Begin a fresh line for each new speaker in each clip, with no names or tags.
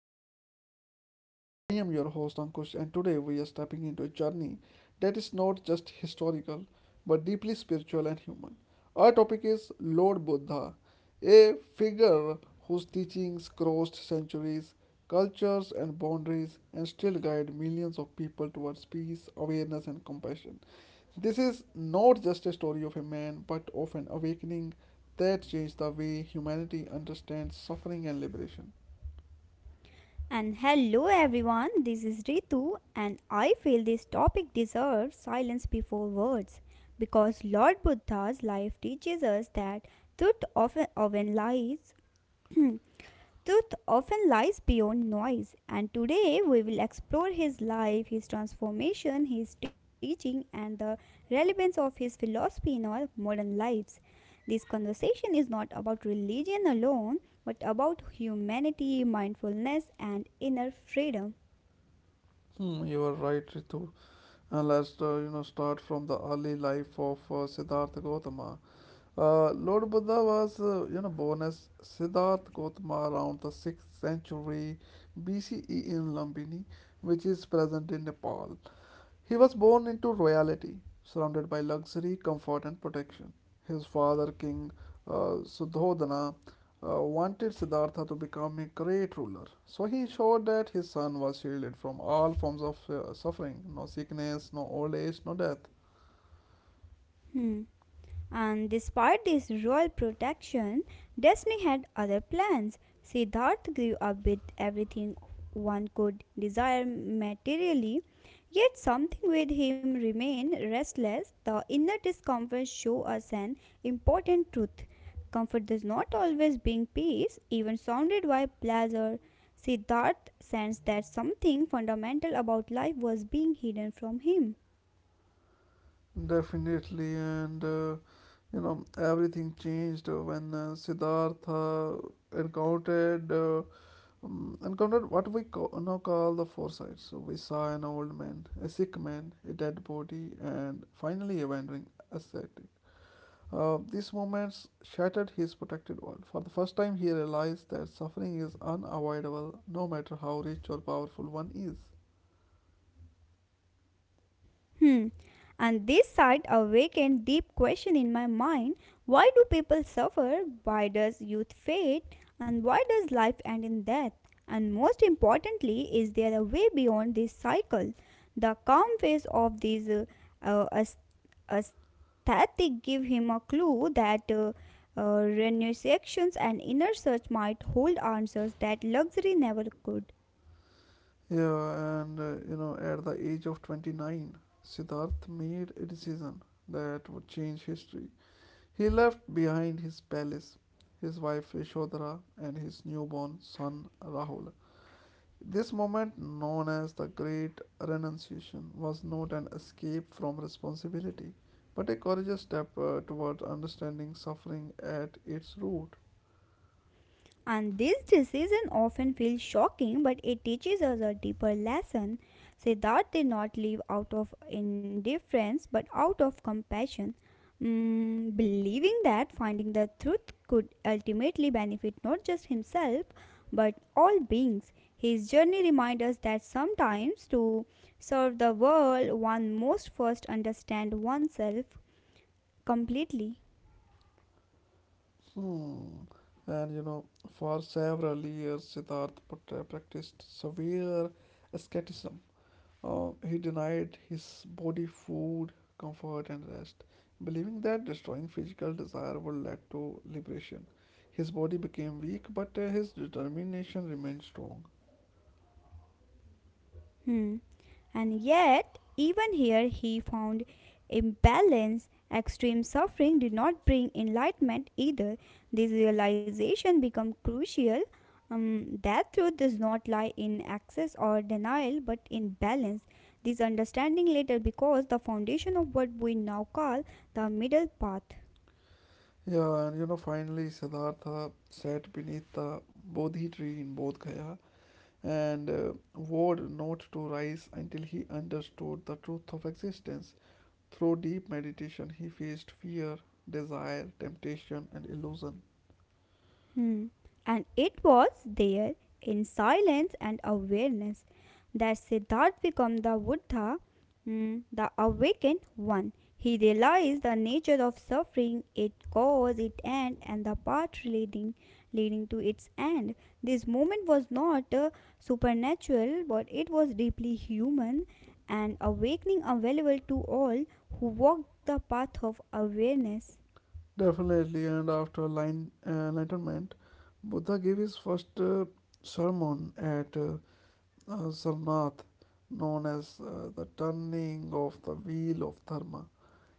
episode of our podcast. I am your host, Ankush, and today we are stepping into a journey that is not just historical but deeply spiritual and human. Our topic is Lord Buddha, a figure whose teachings crossed centuries, cultures, and boundaries and still guide millions of people towards peace, awareness, and compassion. This is not just a story of a man but of an awakening that changed the way humanity understands suffering and liberation.
And hello everyone, this is Ritu, and I feel this topic deserves silence before words because Lord Buddha's life teaches us that truth often lies. Truth often lies beyond noise, and today we will explore his life, his transformation, his teaching, and the relevance of his philosophy in our modern lives. This conversation is not about religion alone, but about humanity, mindfulness, and inner freedom.
Hmm, you are right, Ritu. And let's start from the early life of Siddhartha Gautama. Lord Buddha was born as Siddhartha Gautama around the sixth century BCE in Lumbini, which is present in Nepal. He was born into royalty, surrounded by luxury, comfort, and protection. His father, King Sudhodana, wanted Siddhartha to become a great ruler, so he ensured that his son was shielded from all forms of suffering: no sickness, no old age, no death.
Hmm. And despite this royal protection, destiny had other plans. Siddharth grew up with everything one could desire materially, yet something with him remained restless. The inner discomfort show us an important truth. Comfort does not always bring peace, even surrounded by pleasure. Siddharth sensed that something fundamental about life was being hidden from him.
Definitely. And everything changed when Siddhartha encountered. Uh, encountered what we now call the four sides. So we saw an old man, a sick man, a dead body, and finally a wandering ascetic. These moments shattered his protected world. For the first time, he realized that suffering is unavoidable, no matter how rich or powerful one is.
Hmm. And this sight awakened deep question in my mind. Why do people suffer? Why does youth fade? And why does life end in death? And most importantly, is there a way beyond this cycle? The calm face of these uh, as- aesthetic give him a clue that renunciations and inner search might hold answers that luxury never could.
Yeah, and at the age of 29, Siddharth made a decision that would change history. He left behind his palace, his wife Yashodhara, and his newborn son Rahul. This moment, known as the Great Renunciation, was not an escape from responsibility, but a courageous step toward understanding suffering at its root.
And this decision often feels shocking, but it teaches us a deeper lesson. Siddharth did not live out of indifference but out of compassion, believing that finding the truth could ultimately benefit not just himself but all beings. His journey reminds us that sometimes to serve the world, one must first understand oneself completely.
Hmm. And for several years, Siddhartha practiced severe asceticism. He denied his body food, comfort, and rest, believing that destroying physical desire would lead to liberation. His body became weak, but his determination remained strong.
Hmm. And yet, even here, he found imbalance. Extreme suffering did not bring enlightenment either. This realization became crucial that truth does not lie in excess or denial but in balance. This understanding later becomes the foundation of what we now call the middle path.
Yeah, and finally, Siddhartha sat beneath the Bodhi tree in Bodh Gaya and vowed not to rise until he understood the truth of existence. Through deep meditation, he faced fear, desire, temptation, and illusion.
Hmm. And it was there, in silence and awareness, that Siddharth became the Buddha, hmm, the awakened one. He realized the nature of suffering, its cause, its end, and the path leading to its end. This moment was not supernatural, but it was deeply human, and awakening available to all who walk the path of awareness.
Definitely, and after enlightenment, Buddha gave his first sermon at Sarnath, known as the turning of the wheel of Dharma.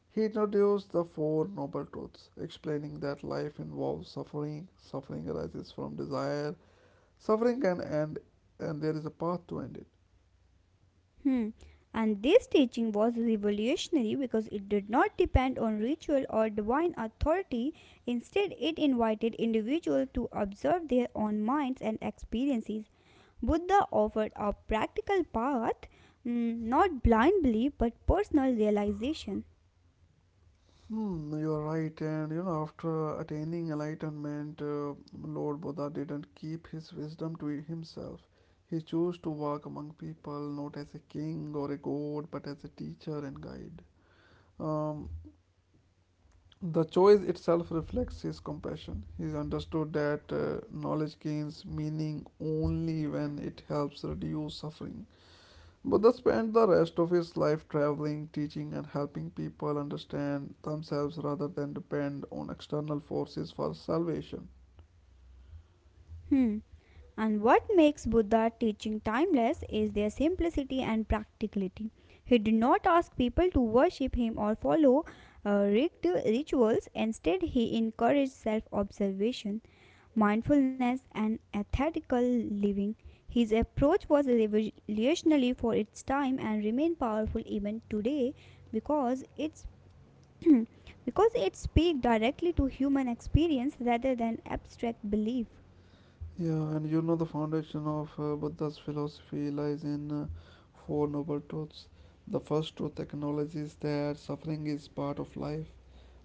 He introduced the Four Noble Truths, explaining that life involves suffering, suffering arises from desire, suffering can end, and there is a path to end it.
Hmm. And this teaching was revolutionary because it did not depend on ritual or divine authority. Instead, it invited individuals to observe their own minds and experiences. Buddha offered a practical path, not blind belief but personal realization.
Hmm, you're right. And after attaining enlightenment, Lord Buddha didn't keep his wisdom to himself. He chose to walk among people not as a king or a god, but as a teacher and guide. Um, the choice itself reflects his compassion. He's understood that knowledge gains meaning only when it helps reduce suffering. Buddha spent the rest of his life traveling, teaching, and helping people understand themselves rather than depend on external forces for salvation.
Hmm. And what makes Buddha's teaching timeless is their simplicity and practicality. He did not ask people to worship him or follow uh, rituals. Instead, he encouraged self observation, mindfulness, and ethical living. His approach was revolutionary for its time and remains powerful even today because it's because it speaks directly to human experience rather than abstract belief.
Yeah, and the foundation of Buddha's philosophy lies in four noble truths. The first truth acknowledges that suffering is part of life.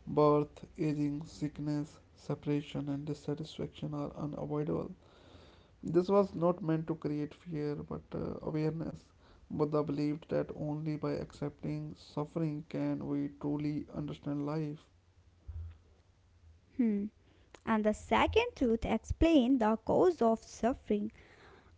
Birth, aging, sickness, separation, and dissatisfaction are unavoidable. This was not meant to create fear but awareness. Buddha believed that only by accepting suffering can we truly understand life.
Hmm. And the second truth explains the cause of suffering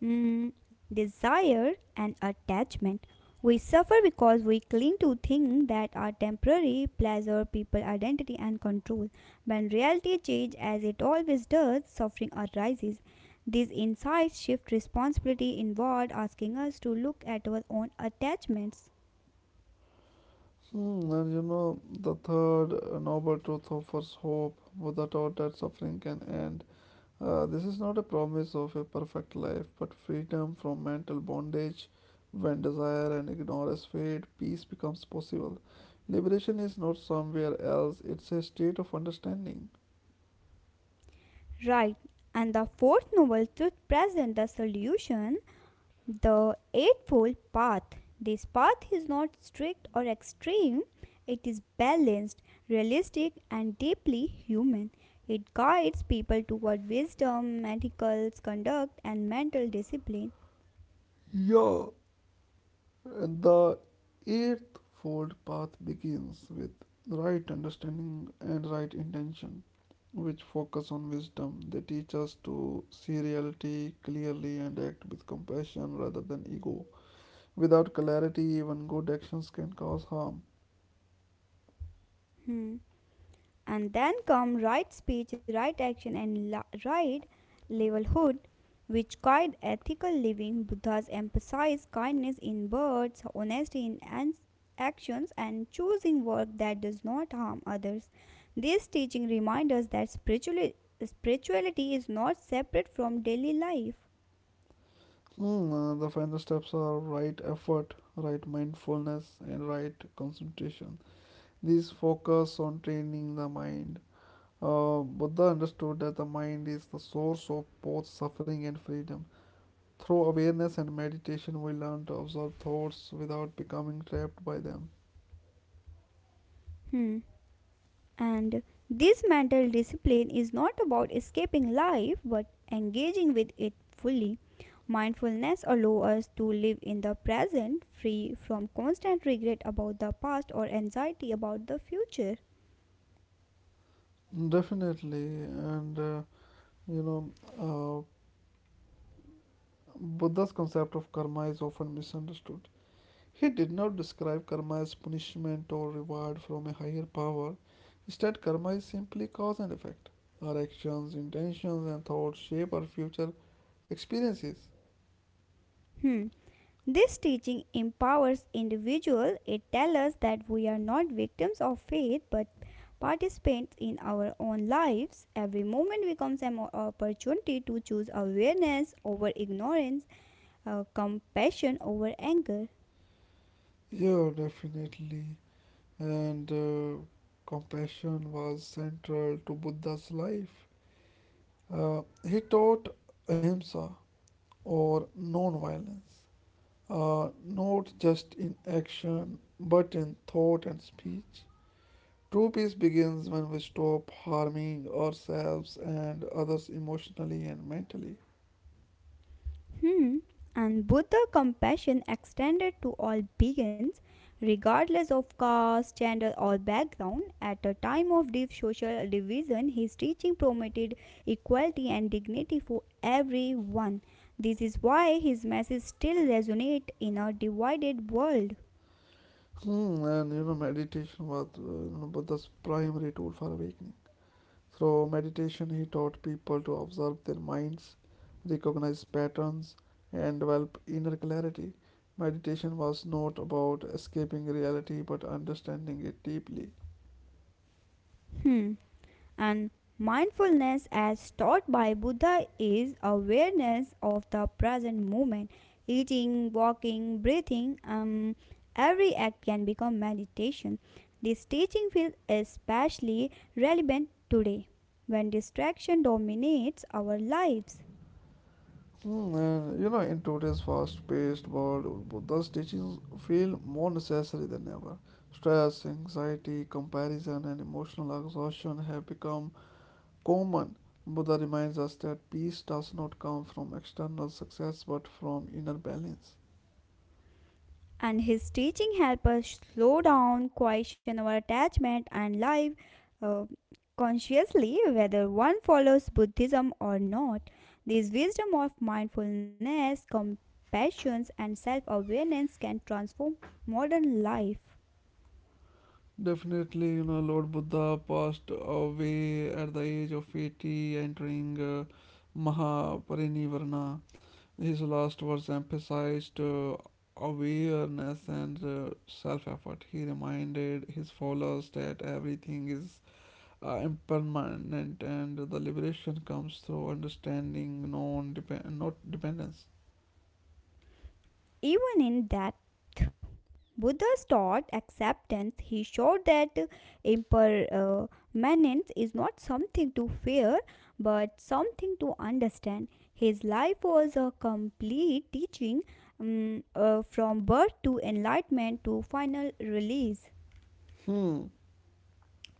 desire and attachment. We suffer because we cling to things that are temporary, pleasure, people, identity, and control. When reality changes, as it always does, suffering arises. These insights shift responsibility inward, asking us to look at our own attachments.
Hmm, and the third noble truth offers hope. Buddha taught that suffering can end. This is not a promise of a perfect life but freedom from mental bondage. When desire and ignorance fade, peace becomes possible. Liberation is not somewhere else, it's a state of understanding.
Right, and the fourth novel truth presents the solution, the Eightfold Path. This path is not strict or extreme, it is balanced, realistic, and deeply human. It guides people toward wisdom, ethical conduct, and mental discipline.
Yeah. The eightfold path begins with right understanding and right intention, which focus on wisdom. They teach us to see reality clearly and act with compassion rather than ego. Without clarity, even good actions can cause harm.
Hmm. And then come right speech, right action, and right livelihood, which guide ethical living. Buddhas emphasize kindness in words, honesty in actions, and choosing work that does not harm others. This teaching reminds us that spirituality is not separate from daily life.
Hmm. Uh, the final steps are right effort, right mindfulness, and right concentration. These focus on training the mind. Buddha understood that the mind is the source of both suffering and freedom. Through awareness and meditation, we learn to observe thoughts without becoming trapped by them.
Hmm. And this mental discipline is not about escaping life but engaging with it fully. Mindfulness allows us to live in the present, free from constant regret about the past or anxiety about the future.
Definitely, and you know, uh, Buddha's concept of karma is often misunderstood. He did not describe karma as punishment or reward from a higher power. Instead, karma is simply cause and effect. Our actions, intentions, and thoughts shape our future experiences.
Hmm. This teaching empowers individuals. It tells us that we are not victims of fate but participants in our own lives. Every moment becomes an opportunity to choose awareness over ignorance, compassion over anger.
Yeah, definitely. And compassion was central to Buddha's life. Uh, he taught ahimsa or non-violence, not just in action but in thought and speech. True peace begins when we stop harming ourselves and others emotionally and mentally.
Hmm. And Buddha compassion extended to all beings, regardless of caste, gender, or background. At a time of deep social division, his teaching promoted equality and dignity for everyone. This is why his message still resonates in a divided world.
Hmm, and meditation was Buddha's primary tool for awakening. Through meditation, he taught people to observe their minds, recognize patterns, and develop inner clarity. Meditation was not about escaping reality but understanding it deeply.
Hmm. And mindfulness, as taught by Buddha, is awareness of the present moment. Eating, walking, breathing, every act can become meditation. This teaching feels especially relevant today when distraction dominates our lives.
Hmm, and in today's fast paced world, Buddha's teachings feel more necessary than ever. Stress, anxiety, comparison, and emotional exhaustion have become common. Buddha reminds us that peace does not come from external success but from inner balance.
And his teaching help us slow down, question our attachment, and live uh, consciously whether one follows Buddhism or not. This wisdom of mindfulness, compassion, and self awareness can transform modern life.
Definitely. Lord Buddha passed away at the age of 80, entering Mahaparinivarna. His last words emphasized awareness and self effort. He reminded his followers that everything is impermanent and the liberation comes through understanding, non not dependence.
Even in that Buddha's taught acceptance. He showed that impermanence is not something to fear but something to understand. His life was a complete teaching, from birth to enlightenment to final release.
Hmm.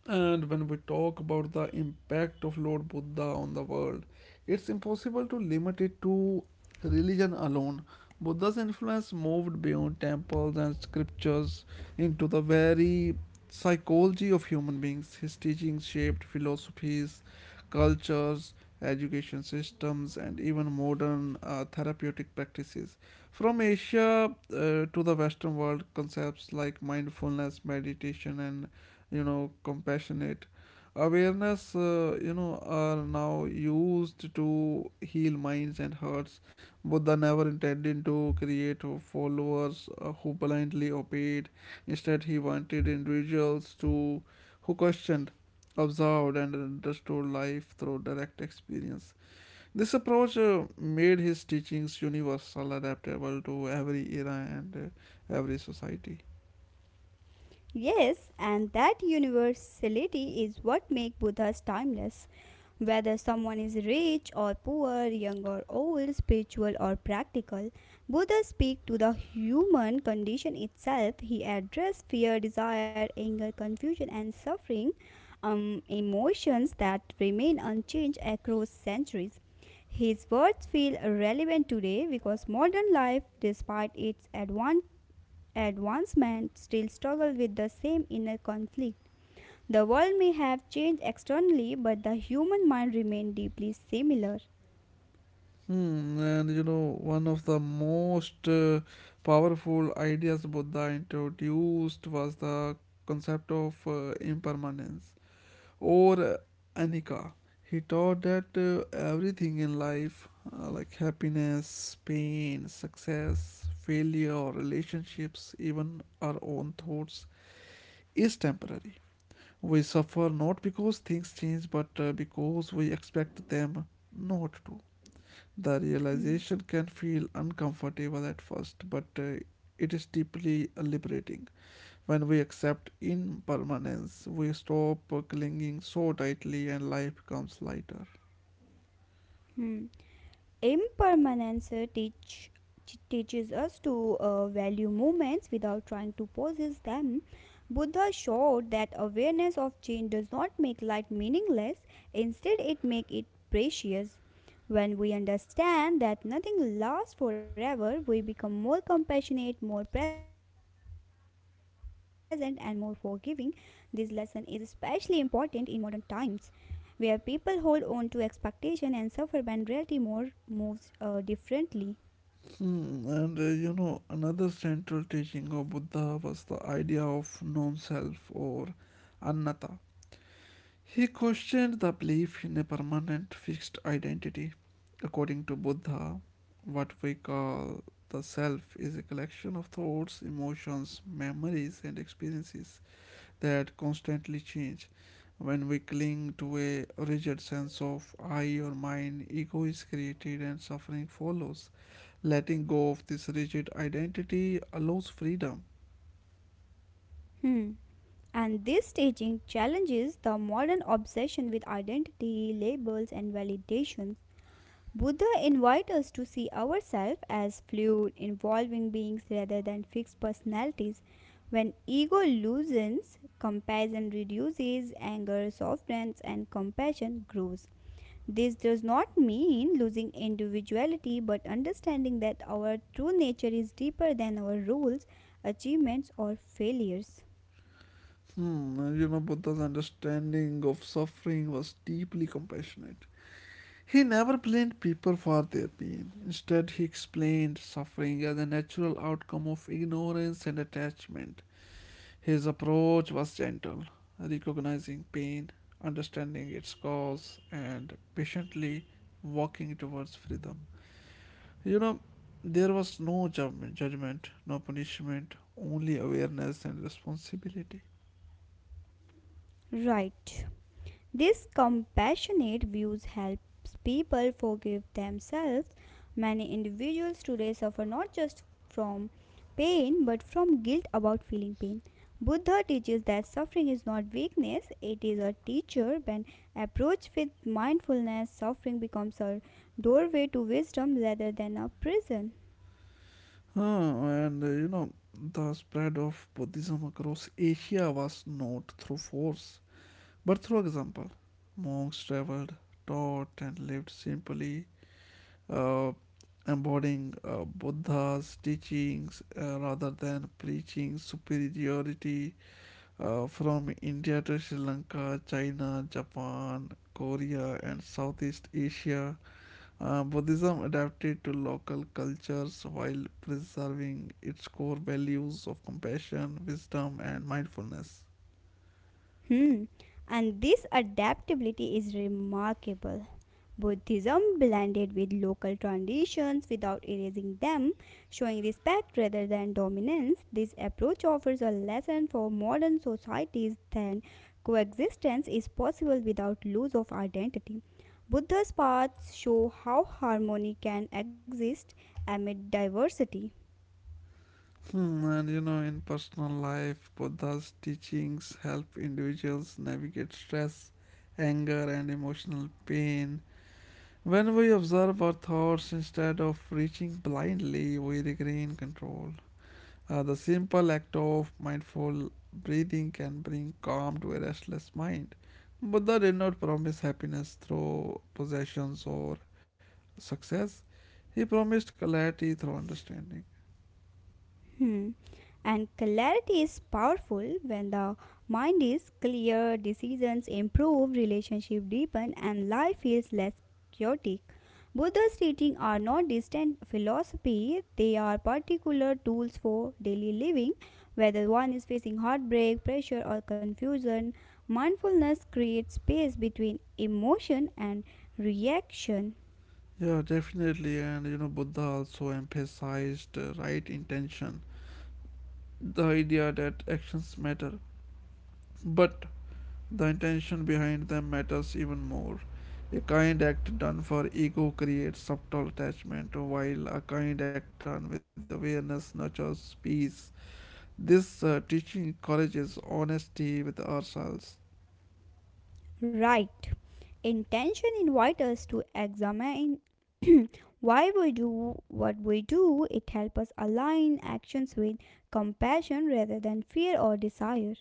And when we talk about the impact of Lord Buddha on the world, it's impossible to limit it to religion alone. Buddha's influence moved beyond temples and scriptures into the very psychology of human beings. His teachings shaped philosophies, cultures, education systems, and even modern therapeutic practices. From Asia to the Western world, concepts like mindfulness, meditation, and compassionate awareness are now used to heal minds and hearts. Buddha never intended to create followers who blindly obeyed. Instead, he wanted individuals to who questioned, observed, and understood life through direct experience. This approach made his teachings universal, adaptable to every era and every society.
Yes, and that universality is what makes Buddhas timeless. Whether someone is rich or poor, young or old, spiritual or practical, Buddha speaks to the human condition itself. He addressed fear, desire, anger, confusion, and suffering, emotions that remain unchanged across centuries. His words feel relevant today because modern life, despite its advancement still struggle with the same inner conflict. The world may have changed externally, but the human mind remains deeply similar.
Hmm, and one of the most powerful ideas Buddha introduced was the concept of impermanence or anicca. He taught that everything in life, like happiness, pain, success, failure, relationships, even our own thoughts, is temporary. We suffer not because things change, but because we expect them not to. The
Hmm.
realization can feel uncomfortable at first, but it is deeply liberating. When we accept impermanence, we stop clinging so tightly and life becomes lighter.
Hmm. Impermanence teaches us to value moments without trying to possess them. Buddha showed that awareness of change does not make life meaningless, instead it makes it precious. When we understand that nothing lasts forever, we become more compassionate, more present and more forgiving. This lesson is especially important in modern times where people hold on to expectation and suffer when reality more moves differently.
Hmm, and another central teaching of Buddha was the idea of non self or anatta. He questioned the belief in a permanent fixed identity. According to Buddha, what we call the self is a collection of thoughts, emotions, memories, and experiences that constantly change. When we cling to a rigid sense of I or mine, ego is created and suffering follows. Letting go of this rigid identity allows freedom.
Hmm. And this staging challenges the modern obsession with identity, labels, and validations. Buddha invites us to see ourselves as fluid, evolving beings rather than fixed personalities. When ego loosens, comparison reduces, anger softens, and compassion grows. This does not mean losing individuality, but understanding that our true nature is deeper than our roles, achievements, or failures.
Hmm, Buddha's understanding of suffering was deeply compassionate. He never blamed people for their pain. Instead, he explained suffering as a natural outcome of ignorance and attachment. His approach was gentle, recognizing pain, understanding its cause, and patiently walking towards freedom. You know, there was no judgment, no punishment, only awareness and responsibility.
Right. This compassionate views helps people forgive themselves. Many individuals today suffer not just from pain but from guilt about feeling pain. Buddha teaches that suffering is not weakness, it is a teacher. When approached with mindfulness, suffering becomes a doorway to wisdom rather than a prison.
Huh, and the spread of Buddhism across Asia was not through force but through example. Monks traveled, taught, and lived simply, uh, embodying Buddha's teachings rather than preaching superiority. From India to Sri Lanka, China, Japan, Korea, and Southeast Asia, Buddhism adapted to local cultures while preserving its core values of compassion, wisdom, and mindfulness.
Hmm. And this adaptability is remarkable. Buddhism blended with local traditions without erasing them, showing respect rather than dominance. This approach offers a lesson for modern societies that coexistence is possible without loss of identity. Buddha's paths show how harmony can exist amid diversity.
Hmm, and in personal life, Buddha's teachings help individuals navigate stress, anger, and emotional pain. When we observe our thoughts instead of reaching blindly, we regain control. The simple act of mindful breathing can bring calm to a restless mind. Buddha did not promise happiness through possessions or success, he promised clarity through understanding.
Hmm. And clarity is powerful when the mind is clear, decisions improve, relationships deepen, and life feels less chaotic. Buddha's teachings are not distant philosophy, they are particular tools for daily living. Whether one is facing heartbreak, pressure, or confusion, mindfulness creates space between emotion and reaction.
Yeah, definitely. And Buddha also emphasized right intention, the idea that actions matter, but the intention behind them matters even more. A kind act done for ego creates subtle attachment, while a kind act done with awareness nurtures peace. This teaching encourages honesty with ourselves.
Right. Intention invites us to examine why we do what we do. It helps us align actions with compassion rather than fear or desire.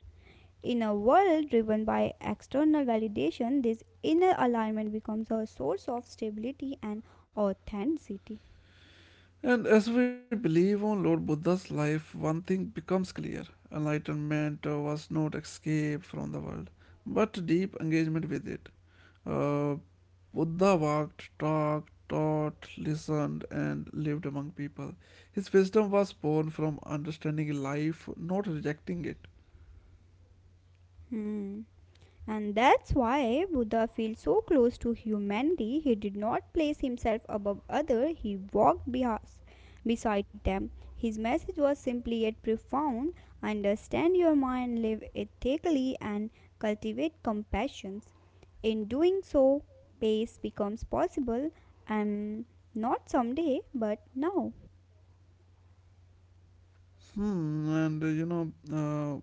In a world driven by external validation, this inner alignment becomes a source of stability and authenticity.
And as we believe on Lord Buddha's life, one thing becomes clear: enlightenment was not escape from the world, but deep engagement with it. Uh, Buddha walked, talked, taught, listened, and lived among people. His wisdom was born from understanding life, not rejecting it.
Hmm. And that's why Buddha feels so close to humanity. He did not place himself above others. He walked beside them. His message was simply yet profound. Understand your mind, live ethically and cultivate compassion. In doing so, peace becomes possible and not someday but now.
Hmm, and uh, you know, uh,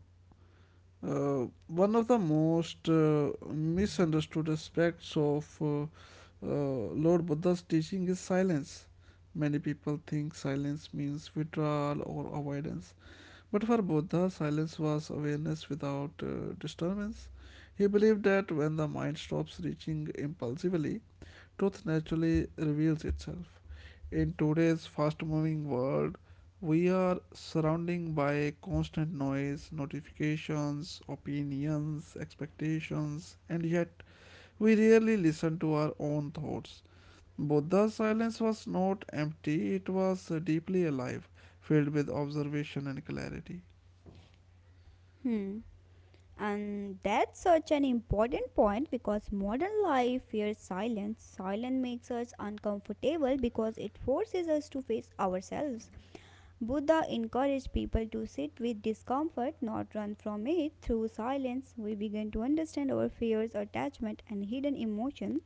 Uh, one of the most misunderstood aspects of Lord Buddha's teaching is silence. Many people think silence means withdrawal or avoidance, but for Buddha, silence was awareness without disturbance. He believed that when the mind stops reaching impulsively, truth naturally reveals itself. In today's fast moving world, we are surrounded by constant noise, notifications, opinions, expectations, and yet we rarely listen to our own thoughts. Buddha's silence was not empty, it was deeply alive, filled with observation and clarity.
Hmm. And that's such an important point because modern life fears silence. Silence makes us uncomfortable because it forces us to face ourselves. Buddha encouraged people to sit with discomfort, not run from it. Through silence, we begin to understand our fears, attachment, and hidden emotion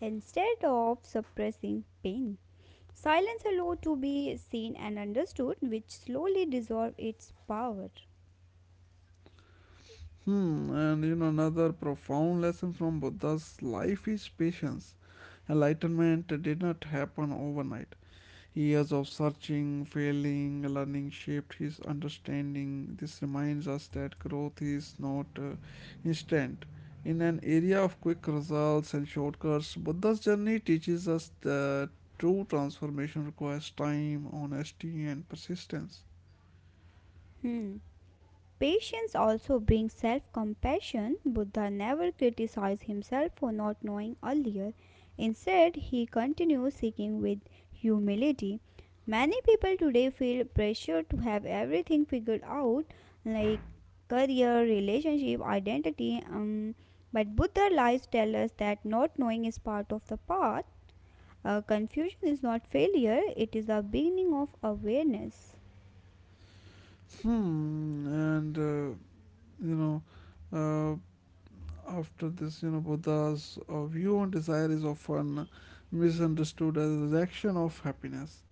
instead of suppressing pain. Silence allows to be seen and understood, which slowly dissolve its power.
Hmm, and you know, another profound lesson from Buddha's life is patience. Enlightenment did not happen overnight. Years of searching, failing, learning shaped his understanding. This reminds us that growth is not instant. In an area of quick results and shortcuts, Buddha's journey teaches us that true transformation requires time, honesty, and persistence.
Hmm. Patience also brings self compassion. Buddha never criticized himself for not knowing earlier. Instead, he continues seeking with humility. Many people today feel pressure to have everything figured out, like career, relationship, identity. But Buddha lives tell us that not knowing is part of the path. Confusion is not failure, it is the beginning of awareness.
Hmm, and you know, uh, After this, you know, Buddha's view on desire is often misunderstood as a rejection of happiness.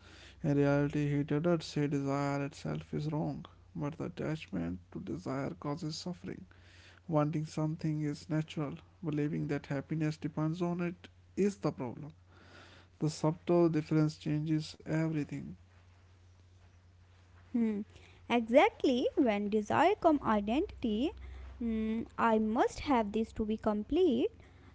In reality, he did not say desire itself is wrong, but the attachment to desire causes suffering. Wanting something is natural, believing that happiness depends on it is the problem. The subtle difference changes everything.
Hmm. Exactly, when desire come identity, hmm, I must have this to be complete.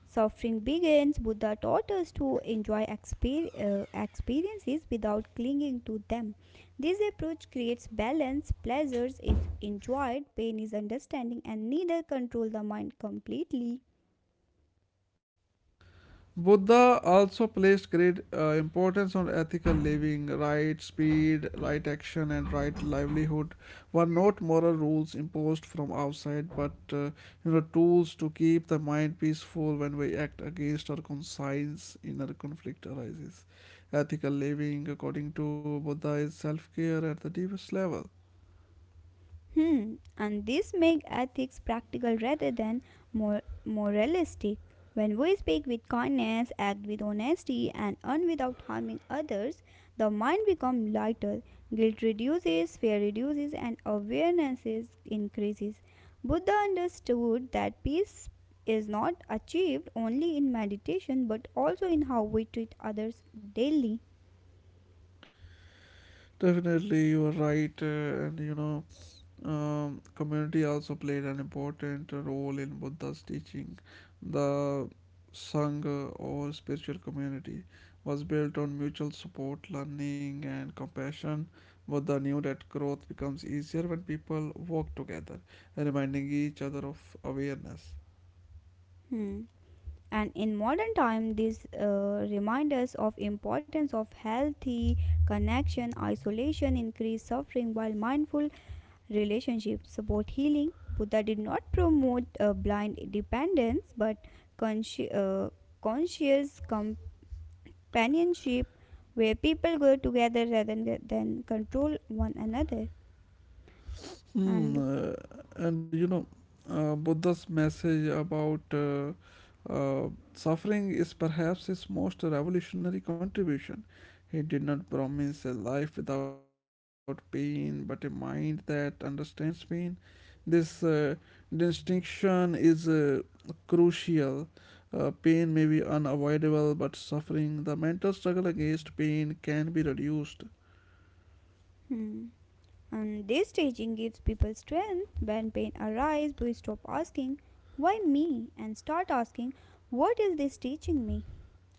Suffering begins. Buddha taught us to enjoy experiences without clinging to them. This approach creates balance. Pleasures is enjoyed, pain is understanding, and neither control the mind completely.
Buddha also placed great importance on ethical living. Right speed, right action, and right livelihood were not moral rules imposed from outside, but tools to keep the mind peaceful. When we act against our conscience, inner conflict arises. Ethical living, according to Buddha, is self-care at the deepest level.
Hmm. And this makes ethics practical rather than more moralistic. When we speak with kindness, act with honesty, and earn without harming others, the mind becomes lighter. Guilt reduces, fear reduces, and awareness increases. Buddha understood that peace is not achieved only in meditation but also in how we treat others daily.
Definitely, you are right. And you know Community also played an important role in Buddha's teaching. The Sangha, or spiritual community, was built on mutual support, learning, and compassion. Buddha knew that growth becomes easier when people work together, reminding each other of awareness.
Hmm. And in modern time these reminders of importance of healthy connection isolation increase suffering while mindful relationships support healing. Buddha did not promote blind dependence but consci- uh, conscious companionship where people go together rather than control one another.
Hmm,
And
uh, and you know, Buddha's message about suffering is perhaps his most revolutionary contribution. He did not promise a life without pain, but a mind that understands pain. This distinction is crucial. Pain may be unavoidable, but suffering, the mental struggle against pain, can be reduced.
hmm. And this staging gives people strength when pain arises, we stop asking, why me? And start asking, what is this teaching me?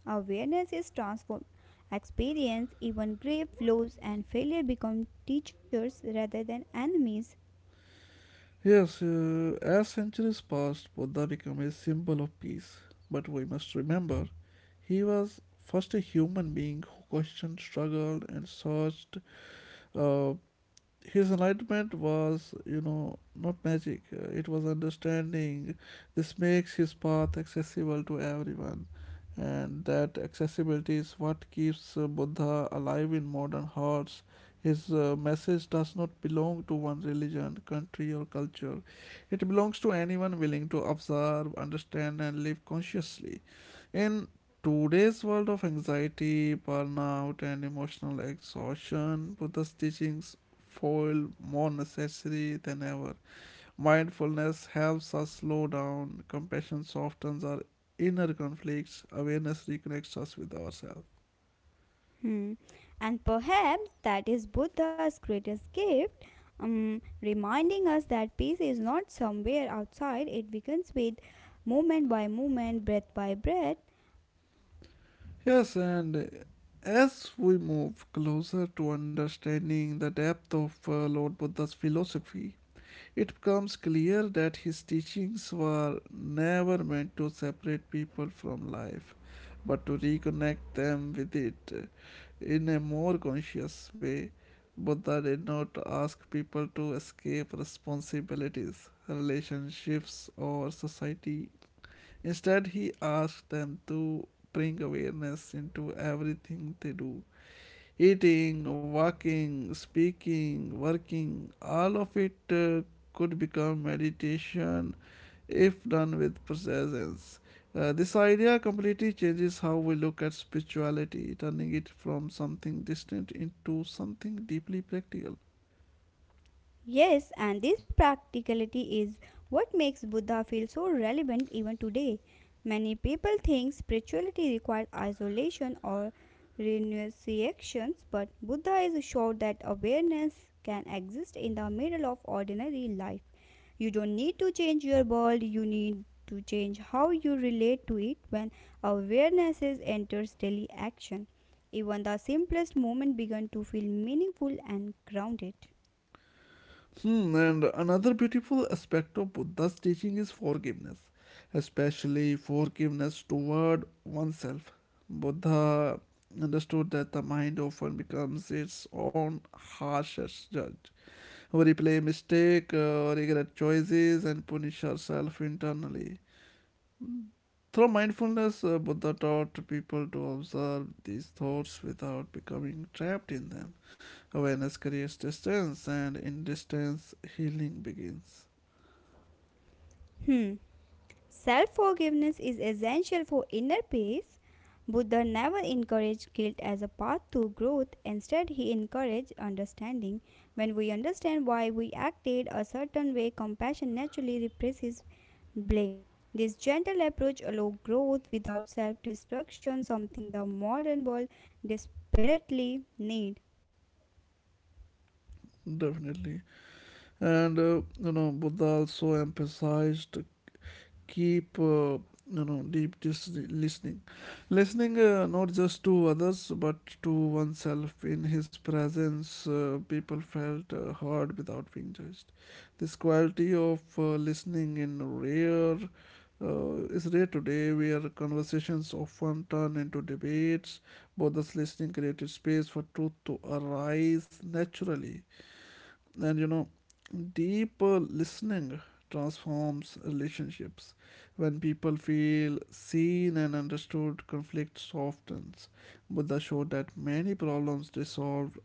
Awareness is transformed. Experience, even grief, loss, and failure become teachers rather than enemies.
Yes, as centuries passed, Buddha became a symbol of peace. But we must remember, he was first a human being who questioned, struggled, and searched. uh, his enlightenment was, you know, not magic. It was understanding. This makes his path accessible to everyone, and that accessibility is what keeps Buddha alive in modern hearts. His message does not belong to one religion, country, or culture. It belongs to anyone willing to observe, understand, and live consciously. In today's world of anxiety, burnout, and emotional exhaustion, Buddha's teachings foil more necessary than ever. Mindfulness helps us slow down, compassion softens our inner conflicts, awareness reconnects us with ourselves.
Hmm. And perhaps that is Buddha's greatest gift, reminding us that peace is not somewhere outside, it begins with moment by moment, breath by breath.
Yes, and as we move closer to understanding the depth of Lord Buddha's philosophy, it becomes clear that his teachings were never meant to separate people from life, but to reconnect them with it in a more conscious way. Buddha did not ask people to escape responsibilities, relationships, or society. Instead, he asked them to bring awareness into everything they do. Eating, walking, speaking, working, all of it could become meditation if done with presence. This idea completely changes how we look at spirituality, turning it from something distant into something deeply practical.
Yes, and this practicality is what makes Buddha feel so relevant even today. Many people think spirituality requires isolation or renunciations, but Buddha is sure that awareness can exist in the middle of ordinary life. You don't need to change your world, you need to change how you relate to it when awareness is enters daily action. Even the simplest moment begin to feel meaningful and grounded.
Hmm, and another beautiful aspect of Buddha's teaching is forgiveness, especially forgiveness toward oneself. Buddha understood that the mind often becomes its own harshest judge. We replay mistake, regret choices, and punish ourselves internally. Through mindfulness, Buddha taught people to observe these thoughts without becoming trapped in them. Awareness creates distance, and in distance, healing begins.
Hmm. Self forgiveness is essential for inner peace. Buddha never encouraged guilt as a path to growth, instead, he encouraged understanding. When we understand why we acted a certain way, compassion naturally replaces blame. This gentle approach allows growth without self destruction, something the modern world desperately needs.
Definitely. And you know, Buddha also emphasized keep you know deep listening, not just to others but to oneself. In his presence, people felt heard without being judged. This quality of listening in rare is rare today, where conversations often turn into debates, but this listening created space for truth to arise naturally. And you know, deep listening transforms relationships. When people feel seen and understood, conflict softens. Buddha showed that many problems dissolve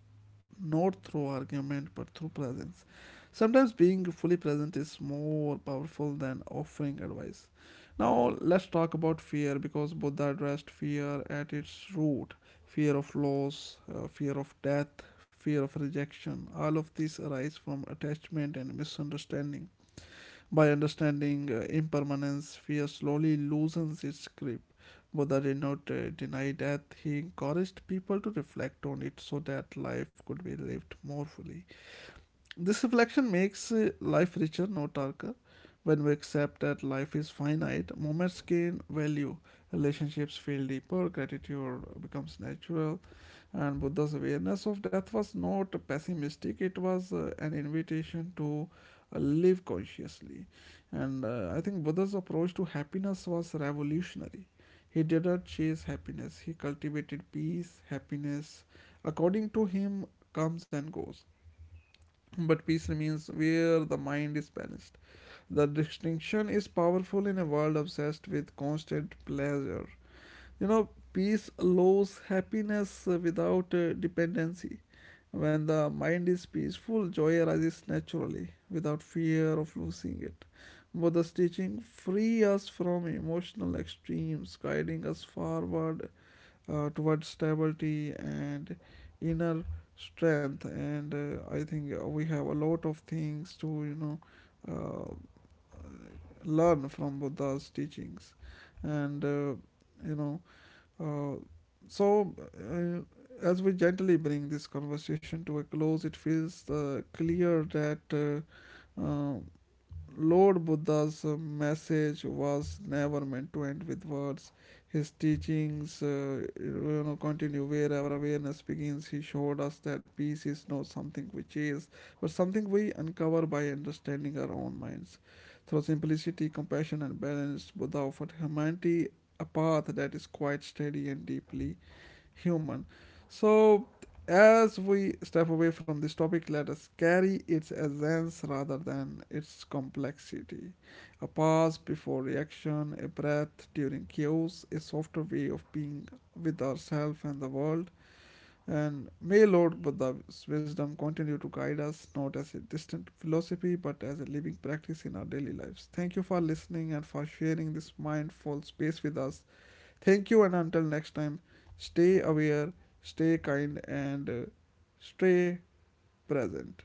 not through argument but through presence. Sometimes being fully present is more powerful than offering advice. Now, let's talk about fear, because Buddha addressed fear at its root: fear of loss, fear of death, fear of rejection. All of these arise from attachment and misunderstanding. By understanding impermanence, fear slowly loosens its grip. Buddha did not deny death, he encouraged people to reflect on it so that life could be lived more fully. This reflection makes life richer, not darker. When we accept that life is finite, moments gain value, relationships feel deeper, gratitude becomes natural, and Buddha's awareness of death was not pessimistic, it was an invitation to live consciously. And I think Buddha's approach to happiness was revolutionary. He did not chase happiness, he cultivated peace. Happiness, according to him, comes and goes. But peace remains where the mind is balanced. The distinction is powerful in a world obsessed with constant pleasure. You know, peace allows happiness without dependency. When the mind is peaceful, joy arises naturally without fear of losing it. Buddha's teaching free us from emotional extremes, guiding us forward towards stability and inner strength. And I think we have a lot of things to, you know, uh, learn from Buddha's teachings. And you know uh, so, uh, as we gently bring this conversation to a close, it feels clear that uh, uh, Lord Buddha's message was never meant to end with words. His teachings, you know, continue wherever awareness begins. He showed us that peace is not something we chase, but something we uncover by understanding our own minds. Through simplicity, compassion, and balance, Buddha offered humanity a path that is quite steady and deeply human. So, as we step away from this topic, let us carry its essence rather than its complexity. A pause before reaction, a breath during chaos, a softer way of being with ourselves and the world. And may Lord Buddha's wisdom continue to guide us, not as a distant philosophy, but as a living practice in our daily lives. Thank you for listening and for sharing this mindful space with us. Thank you, and until next time, stay aware, stay kind, and stay present.